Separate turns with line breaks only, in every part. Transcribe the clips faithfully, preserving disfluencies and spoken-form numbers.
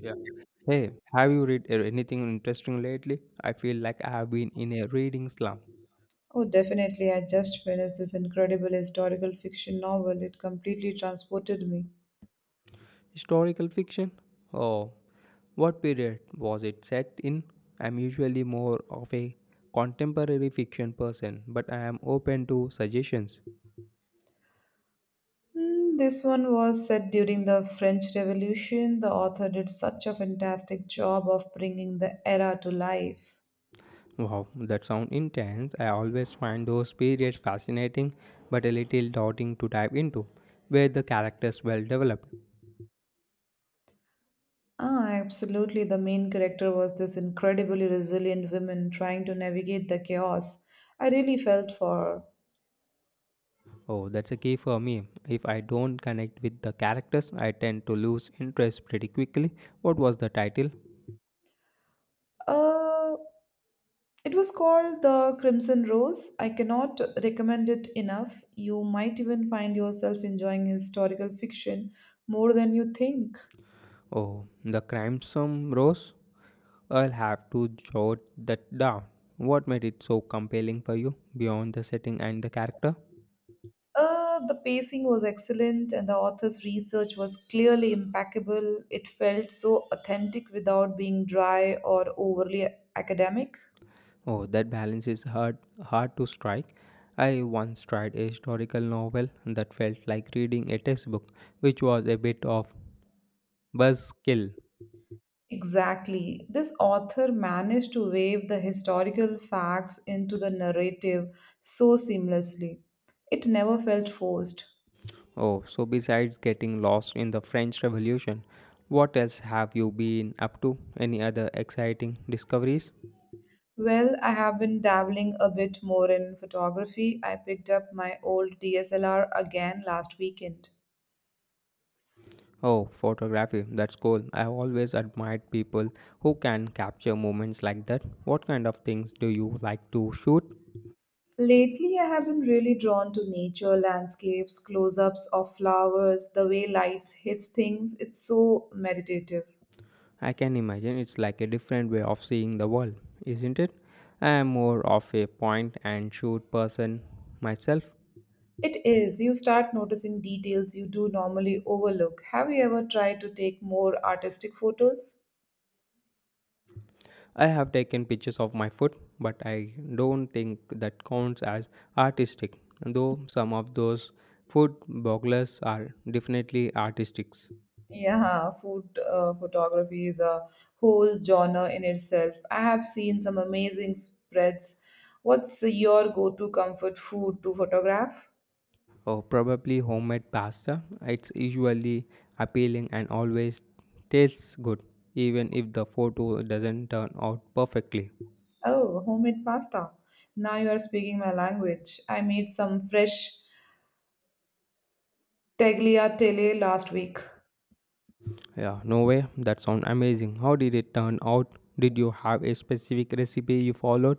Yeah. Hey, have you read uh, anything interesting lately? I feel like I have been in a reading slump.
Oh, definitely. I just finished this incredible historical fiction novel. It completely transported me.
Historical fiction? Oh, what period was it set in? I'm usually more of a contemporary fiction person, but I am open to suggestions.
Hmm, this one was set during the French Revolution. The author did such a fantastic job of bringing the era to life.
Wow, that sounds intense. I always find those periods fascinating, but a little daunting to dive into, where the characters well developed.
Ah, absolutely. The main character was this incredibly resilient woman trying to navigate the chaos. I really felt for
Oh, that's a key for me. If I don't connect with the characters, I tend to lose interest pretty quickly. What was the title?
her. Uh, It was called The Crimson Rose. I cannot recommend it enough. You might even find yourself enjoying historical fiction more than you think.
Oh, The Crimson Rose? I'll have to jot that down. What made it so compelling for you beyond the setting and the character?
Uh, the pacing was excellent, and the author's research was clearly impeccable. It felt so authentic without being dry or overly academic.
Oh, that balance is hard hard to strike. I once tried a historical novel that felt like reading a textbook, which was a bit of buzzkill.
Exactly. This author managed to weave the historical facts into the narrative so seamlessly. It never felt forced.
Oh, so besides getting lost in the French Revolution, what else have you been up to? Any other exciting discoveries?
Well, I have been dabbling a bit more in photography. I picked up my old D S L R again last weekend.
Oh, photography. That's cool. I have always admired people who can capture moments like that. What kind of things do you like to shoot?
Lately, I have been really drawn to nature, landscapes, close ups of flowers, the way lights hits things. It's so meditative.
I can imagine it's like a different way of seeing the world, isn't it? I am more of a point and shoot person myself.
It is. You start noticing details you do normally overlook. Have you ever tried to take more artistic photos?
I have taken pictures of my food, but I don't think that counts as artistic, though some of those food bloggers are definitely artistic.
Yeah, food uh, photography is a whole genre in itself. I have seen some amazing spreads. What's your go-to comfort food to photograph?
Or probably homemade pasta. It's usually appealing and always tastes good, even if the photo doesn't turn out perfectly.
Oh, homemade pasta. Now you are speaking my language. I made some fresh tagliatelle last week.
Yeah, no way, that sounds amazing. How did it turn out? Did you have a specific recipe you followed?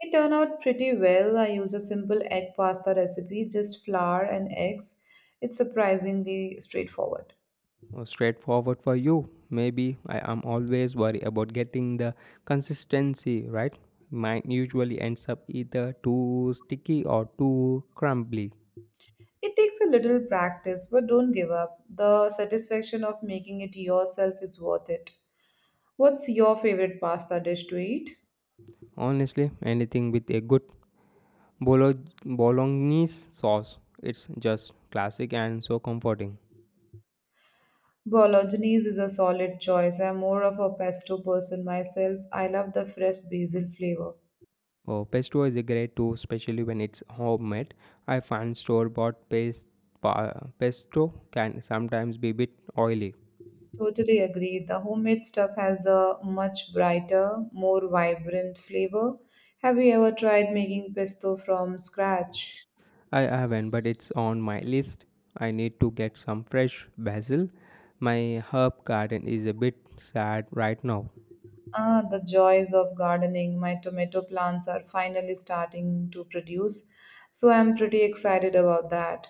It turned out pretty well. I used a simple egg pasta recipe, just flour and eggs. It's surprisingly straightforward.
Uh, straightforward for you. Maybe I am always worried about getting the consistency right. Mine usually ends up either too sticky or too crumbly.
It takes a little practice, but don't give up. The satisfaction of making it yourself is worth it. What's your favorite pasta dish to eat?
Honestly, anything with a good bolo- bolognese sauce, it's just classic and so comforting.
Bolognese is a solid choice. I'm more of a pesto person myself. I love the fresh basil flavor.
Oh, pesto is a great too, especially when it's homemade. I find store-bought paste, pa- pesto can sometimes be a bit oily.
Totally agree. The homemade stuff has a much brighter, more vibrant flavor. Have you ever tried making pesto from scratch?
I haven't, but it's on my list. I need to get some fresh basil. My herb garden is a bit sad right now.
Ah, the joys of gardening. My tomato plants are finally starting to produce, so I'm pretty excited about that.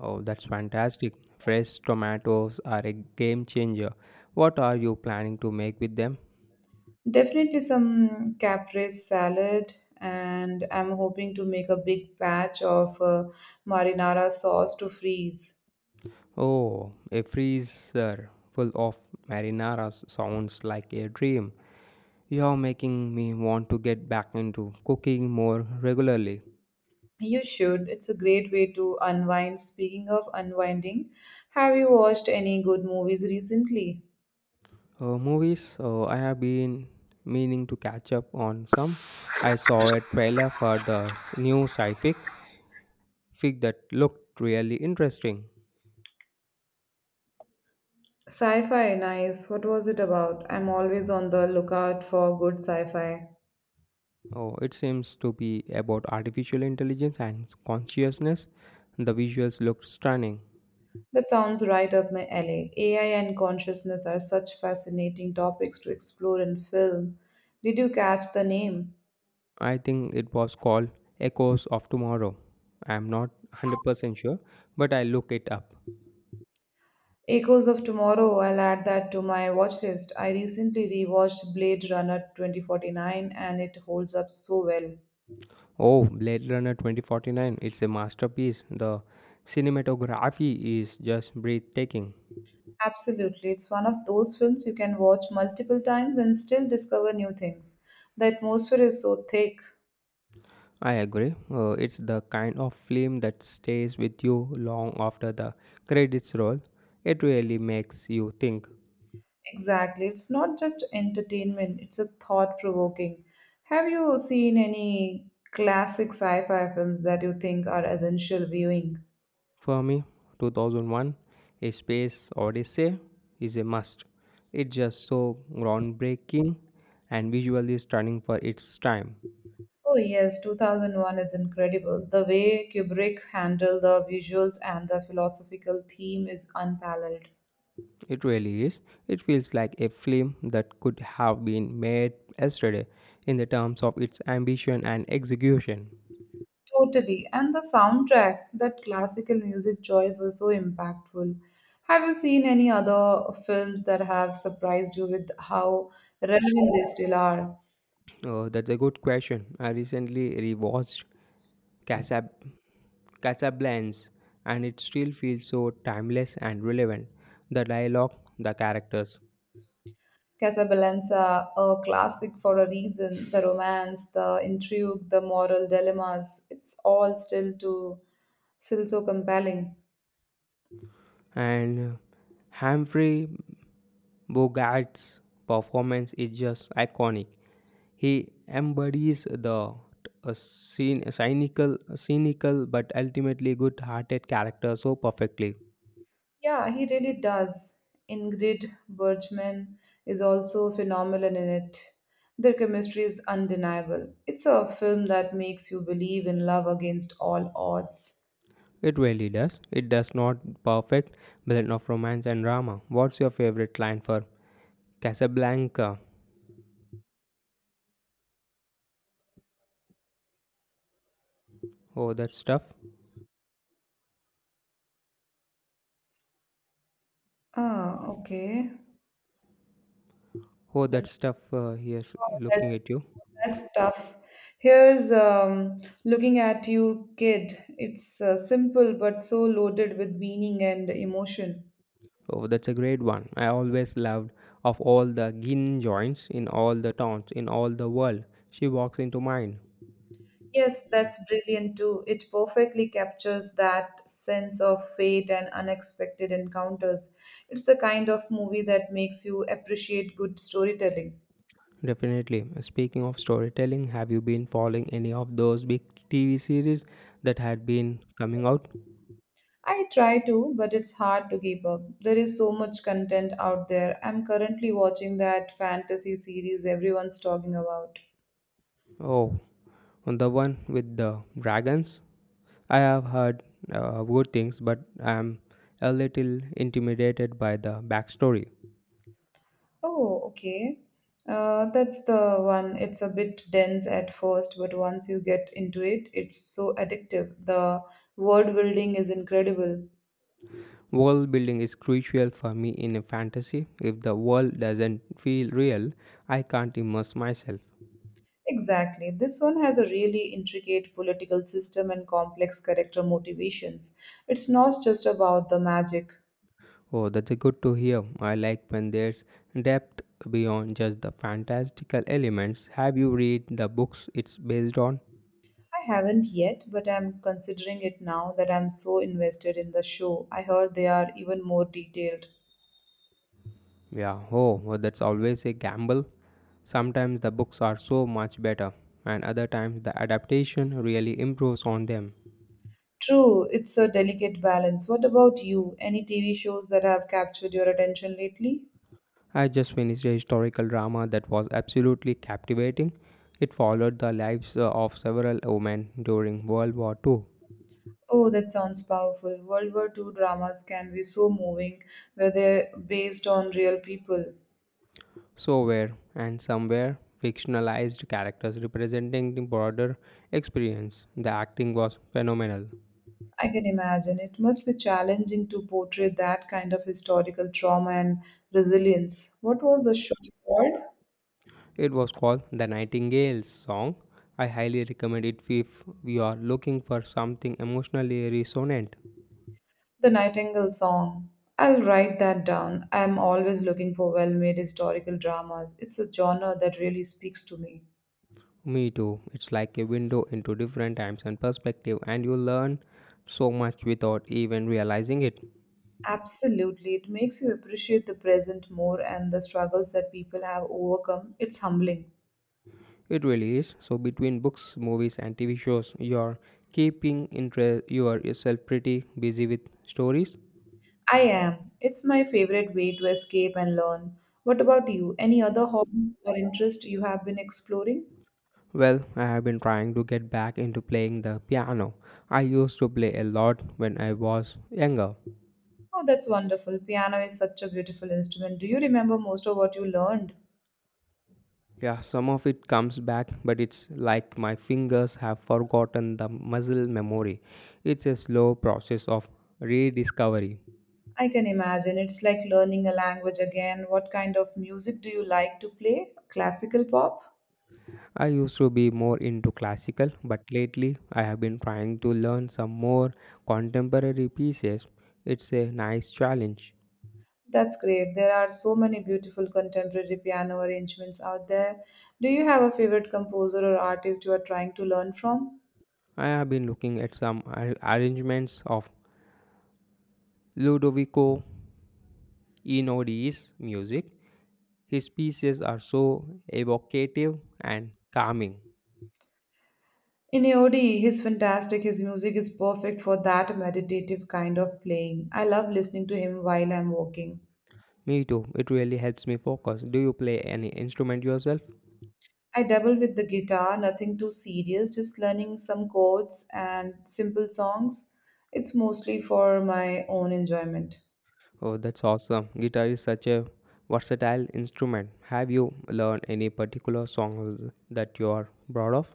Oh, that's fantastic. Fresh tomatoes are a game changer. What are you planning to make with them?
Definitely some caprese salad, and I'm hoping to make a big batch of uh, marinara sauce to freeze.
Oh, a freezer full of marinara s- sounds like a dream. You're making me want to get back into cooking more regularly.
You should. It's a great way to unwind. Speaking of unwinding, have you watched any good movies recently?
Uh, movies, uh, I have been meaning to catch up on some. I saw a trailer for the s- new sci-fi fic that looked really interesting.
Sci fi, nice. What was it about? I'm always on the lookout for good sci fi.
Oh, it seems to be about artificial intelligence and consciousness. The visuals looked stunning.
That sounds right up my alley. A I and consciousness are such fascinating topics to explore in film. Did you catch the name?
I think it was called Echoes of Tomorrow. I'm not one hundred percent sure, but I look it up.
Echoes of Tomorrow, I'll add that to my watch list. I recently rewatched Blade Runner twenty forty-nine, and it holds up so well.
Oh, Blade Runner twenty forty-nine, it's a masterpiece. The cinematography is just breathtaking.
Absolutely, it's one of those films you can watch multiple times and still discover new things. The atmosphere is so thick.
I agree. Uh, it's the kind of film that stays with you long after the credits roll. It really makes you think.
Exactly. It's not just entertainment, it's a thought provoking. Have you seen any classic sci fi films that you think are essential viewing?
For me, two thousand one A Space Odyssey is a must. It's just so groundbreaking and visually stunning for its time.
Oh, yes, two thousand one is incredible. The way Kubrick handled the visuals and the philosophical theme is unparalleled.
It really is. It feels like a film that could have been made yesterday in the terms of its ambition and execution.
Totally. And the soundtrack, that classical music choice was so impactful. Have you seen any other films that have surprised you with how relevant they still are?
Uh, that's a good question. I recently rewatched Casab- Casablanca, and it still feels so timeless and relevant. The dialogue, the characters,
Casablanca, a classic for a reason. The romance, the intrigue, the moral dilemmas, it's all still to still so compelling.
and Humphrey Bogart's performance is just iconic. He embodies the a cyn- cynical, cynical but ultimately good-hearted character so perfectly.
Yeah, he really does. Ingrid Bergman is also phenomenal in it. Their chemistry is undeniable. It's a film that makes you believe in love against all odds.
It really does. It does not perfect blend of romance and drama. What's your favorite line for Casablanca? Oh, that's tough.
Ah, okay.
Oh, that
Just
stuff uh, he is
oh, that,
looking at you.
that's tough. Here's um, looking at you, kid. It's uh, simple but so loaded with meaning and emotion.
Oh, that's a great one. I always loved of all the gin joints in all the towns in all the world. She walks into mine.
Yes, that's brilliant too. It perfectly captures that sense of fate and unexpected encounters. It's the kind of movie that makes you appreciate good storytelling.
Definitely. Speaking of storytelling, have you been following any of those big T V series that had been coming out?
I try to, but it's hard to keep up. There is so much content out there. I'm currently watching that fantasy series everyone's talking about.
Oh, on the one with the dragons. I have heard uh, good things, but I'm a little intimidated by the backstory.
Oh, okay. Uh, that's the one. It's a bit dense at first, but once you get into it, it's so addictive. The word building is incredible.
World building is crucial for me in a fantasy. If the world doesn't feel real, I can't immerse myself.
Exactly. This one has a really intricate political system and complex character motivations. It's not just about the magic.
Oh, that's a good to hear. I like when there's depth beyond just the fantastical elements. Have you read the books it's based on?
I haven't yet, but I'm considering it now that I'm so invested in the show. I heard they are even more detailed.
Yeah, oh, well, that's always a gamble. Sometimes the books are so much better, and other times the adaptation really improves on them.
True, it's a delicate balance. What about you? Any T V shows that have captured your attention lately?
I just finished a historical drama that was absolutely captivating. It followed the lives uh, of several women during World War two.
Oh, that sounds powerful. World War second dramas can be so moving, where they're based on real people.
So were and some were fictionalized characters representing the broader experience. The acting was phenomenal.
I can imagine. It must be challenging to portray that kind of historical trauma and resilience. What was the show called?
It was called The Nightingale's Song. I highly recommend it if you are looking for something emotionally resonant.
The Nightingale Song. I'll write that down. I'm always looking for well made historical dramas. It's a genre that really speaks to me.
Me too. It's like a window into different times and perspective, and you learn so much without even realizing it.
Absolutely. It makes you appreciate the present more and the struggles that people have overcome. It's humbling.
It really is. So between books, movies, and T V shows, you're keeping interest yourself pretty busy with stories.
I am. It's my favorite way to escape and learn. What about you? Any other hobbies or interest you have been exploring?
Well, I have been trying to get back into playing the piano. I used to play a lot when I was younger.
Oh, that's wonderful. Piano is such a beautiful instrument. Do you remember most of what you learned?
Yeah, some of it comes back, but it's like my fingers have forgotten the muscle memory. It's a slow process of rediscovery.
I can imagine. It's like learning a language again. What kind of music do you like to play? Classical pop?
I used to be more into classical, but lately I have been trying to learn some more contemporary pieces. It's a nice challenge.
That's great. There are so many beautiful contemporary piano arrangements out there. Do you have a favorite composer or artist you are trying to learn from?
I have been looking at some ar- arrangements of Ludovico Einaudis music. His pieces are so evocative and calming.
Inaudi, he's fantastic. His music is perfect for that meditative kind of playing. I love listening to him while I'm walking.
Me too. It really helps me focus. Do you play any instrument yourself?
I dabble with the guitar, nothing too serious, just learning some chords and simple songs. It's mostly for my own enjoyment.
Oh, that's awesome. Guitar is such a versatile instrument. Have you learned any particular songs that you are proud of?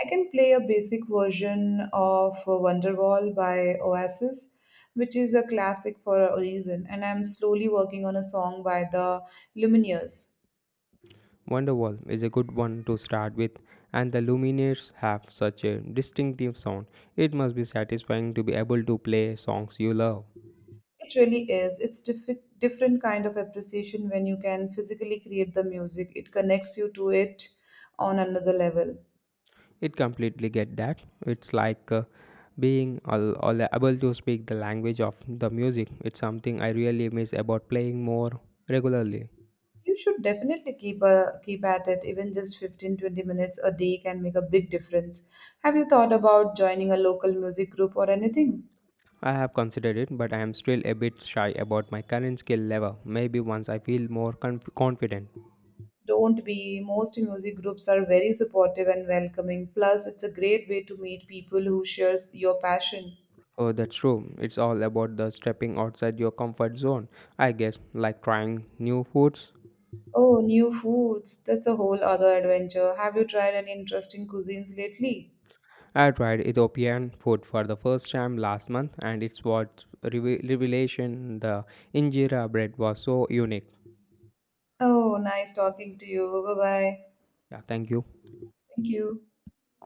I can play a basic version of uh, Wonderwall by Oasis, which is a classic for a reason, and I'm slowly working on a song by the Lumineers.
Wonderwall is a good one to start with, and the Lumineers have such a distinctive sound. It must be satisfying to be able to play songs you love.
It really is. It's diff- different kind of appreciation when you can physically create the music. It connects you to it on another level.
It completely get that. It's like uh, being all, all able to speak the language of the music. It's something I really miss about playing more regularly.
You should definitely keep a, keep at it. Even just fifteen twenty minutes a day can make a big difference. Have you thought about joining a local music group or anything?
I have considered it, but I am still a bit shy about my current skill level. Maybe once I feel more conf- confident.
Don't be. Most music groups are very supportive and welcoming. Plus, it's a great way to meet people who share your passion.
Oh, that's true. It's all about the stepping outside your comfort zone. I guess like trying new foods.
Oh, new foods. That's a whole other adventure. Have you tried any interesting cuisines lately?
I tried Ethiopian food for the first time last month, and it's what reve- revelation. The injera bread was so unique.
Oh, nice talking to you. Bye bye.
Yeah, thank you.
Thank you.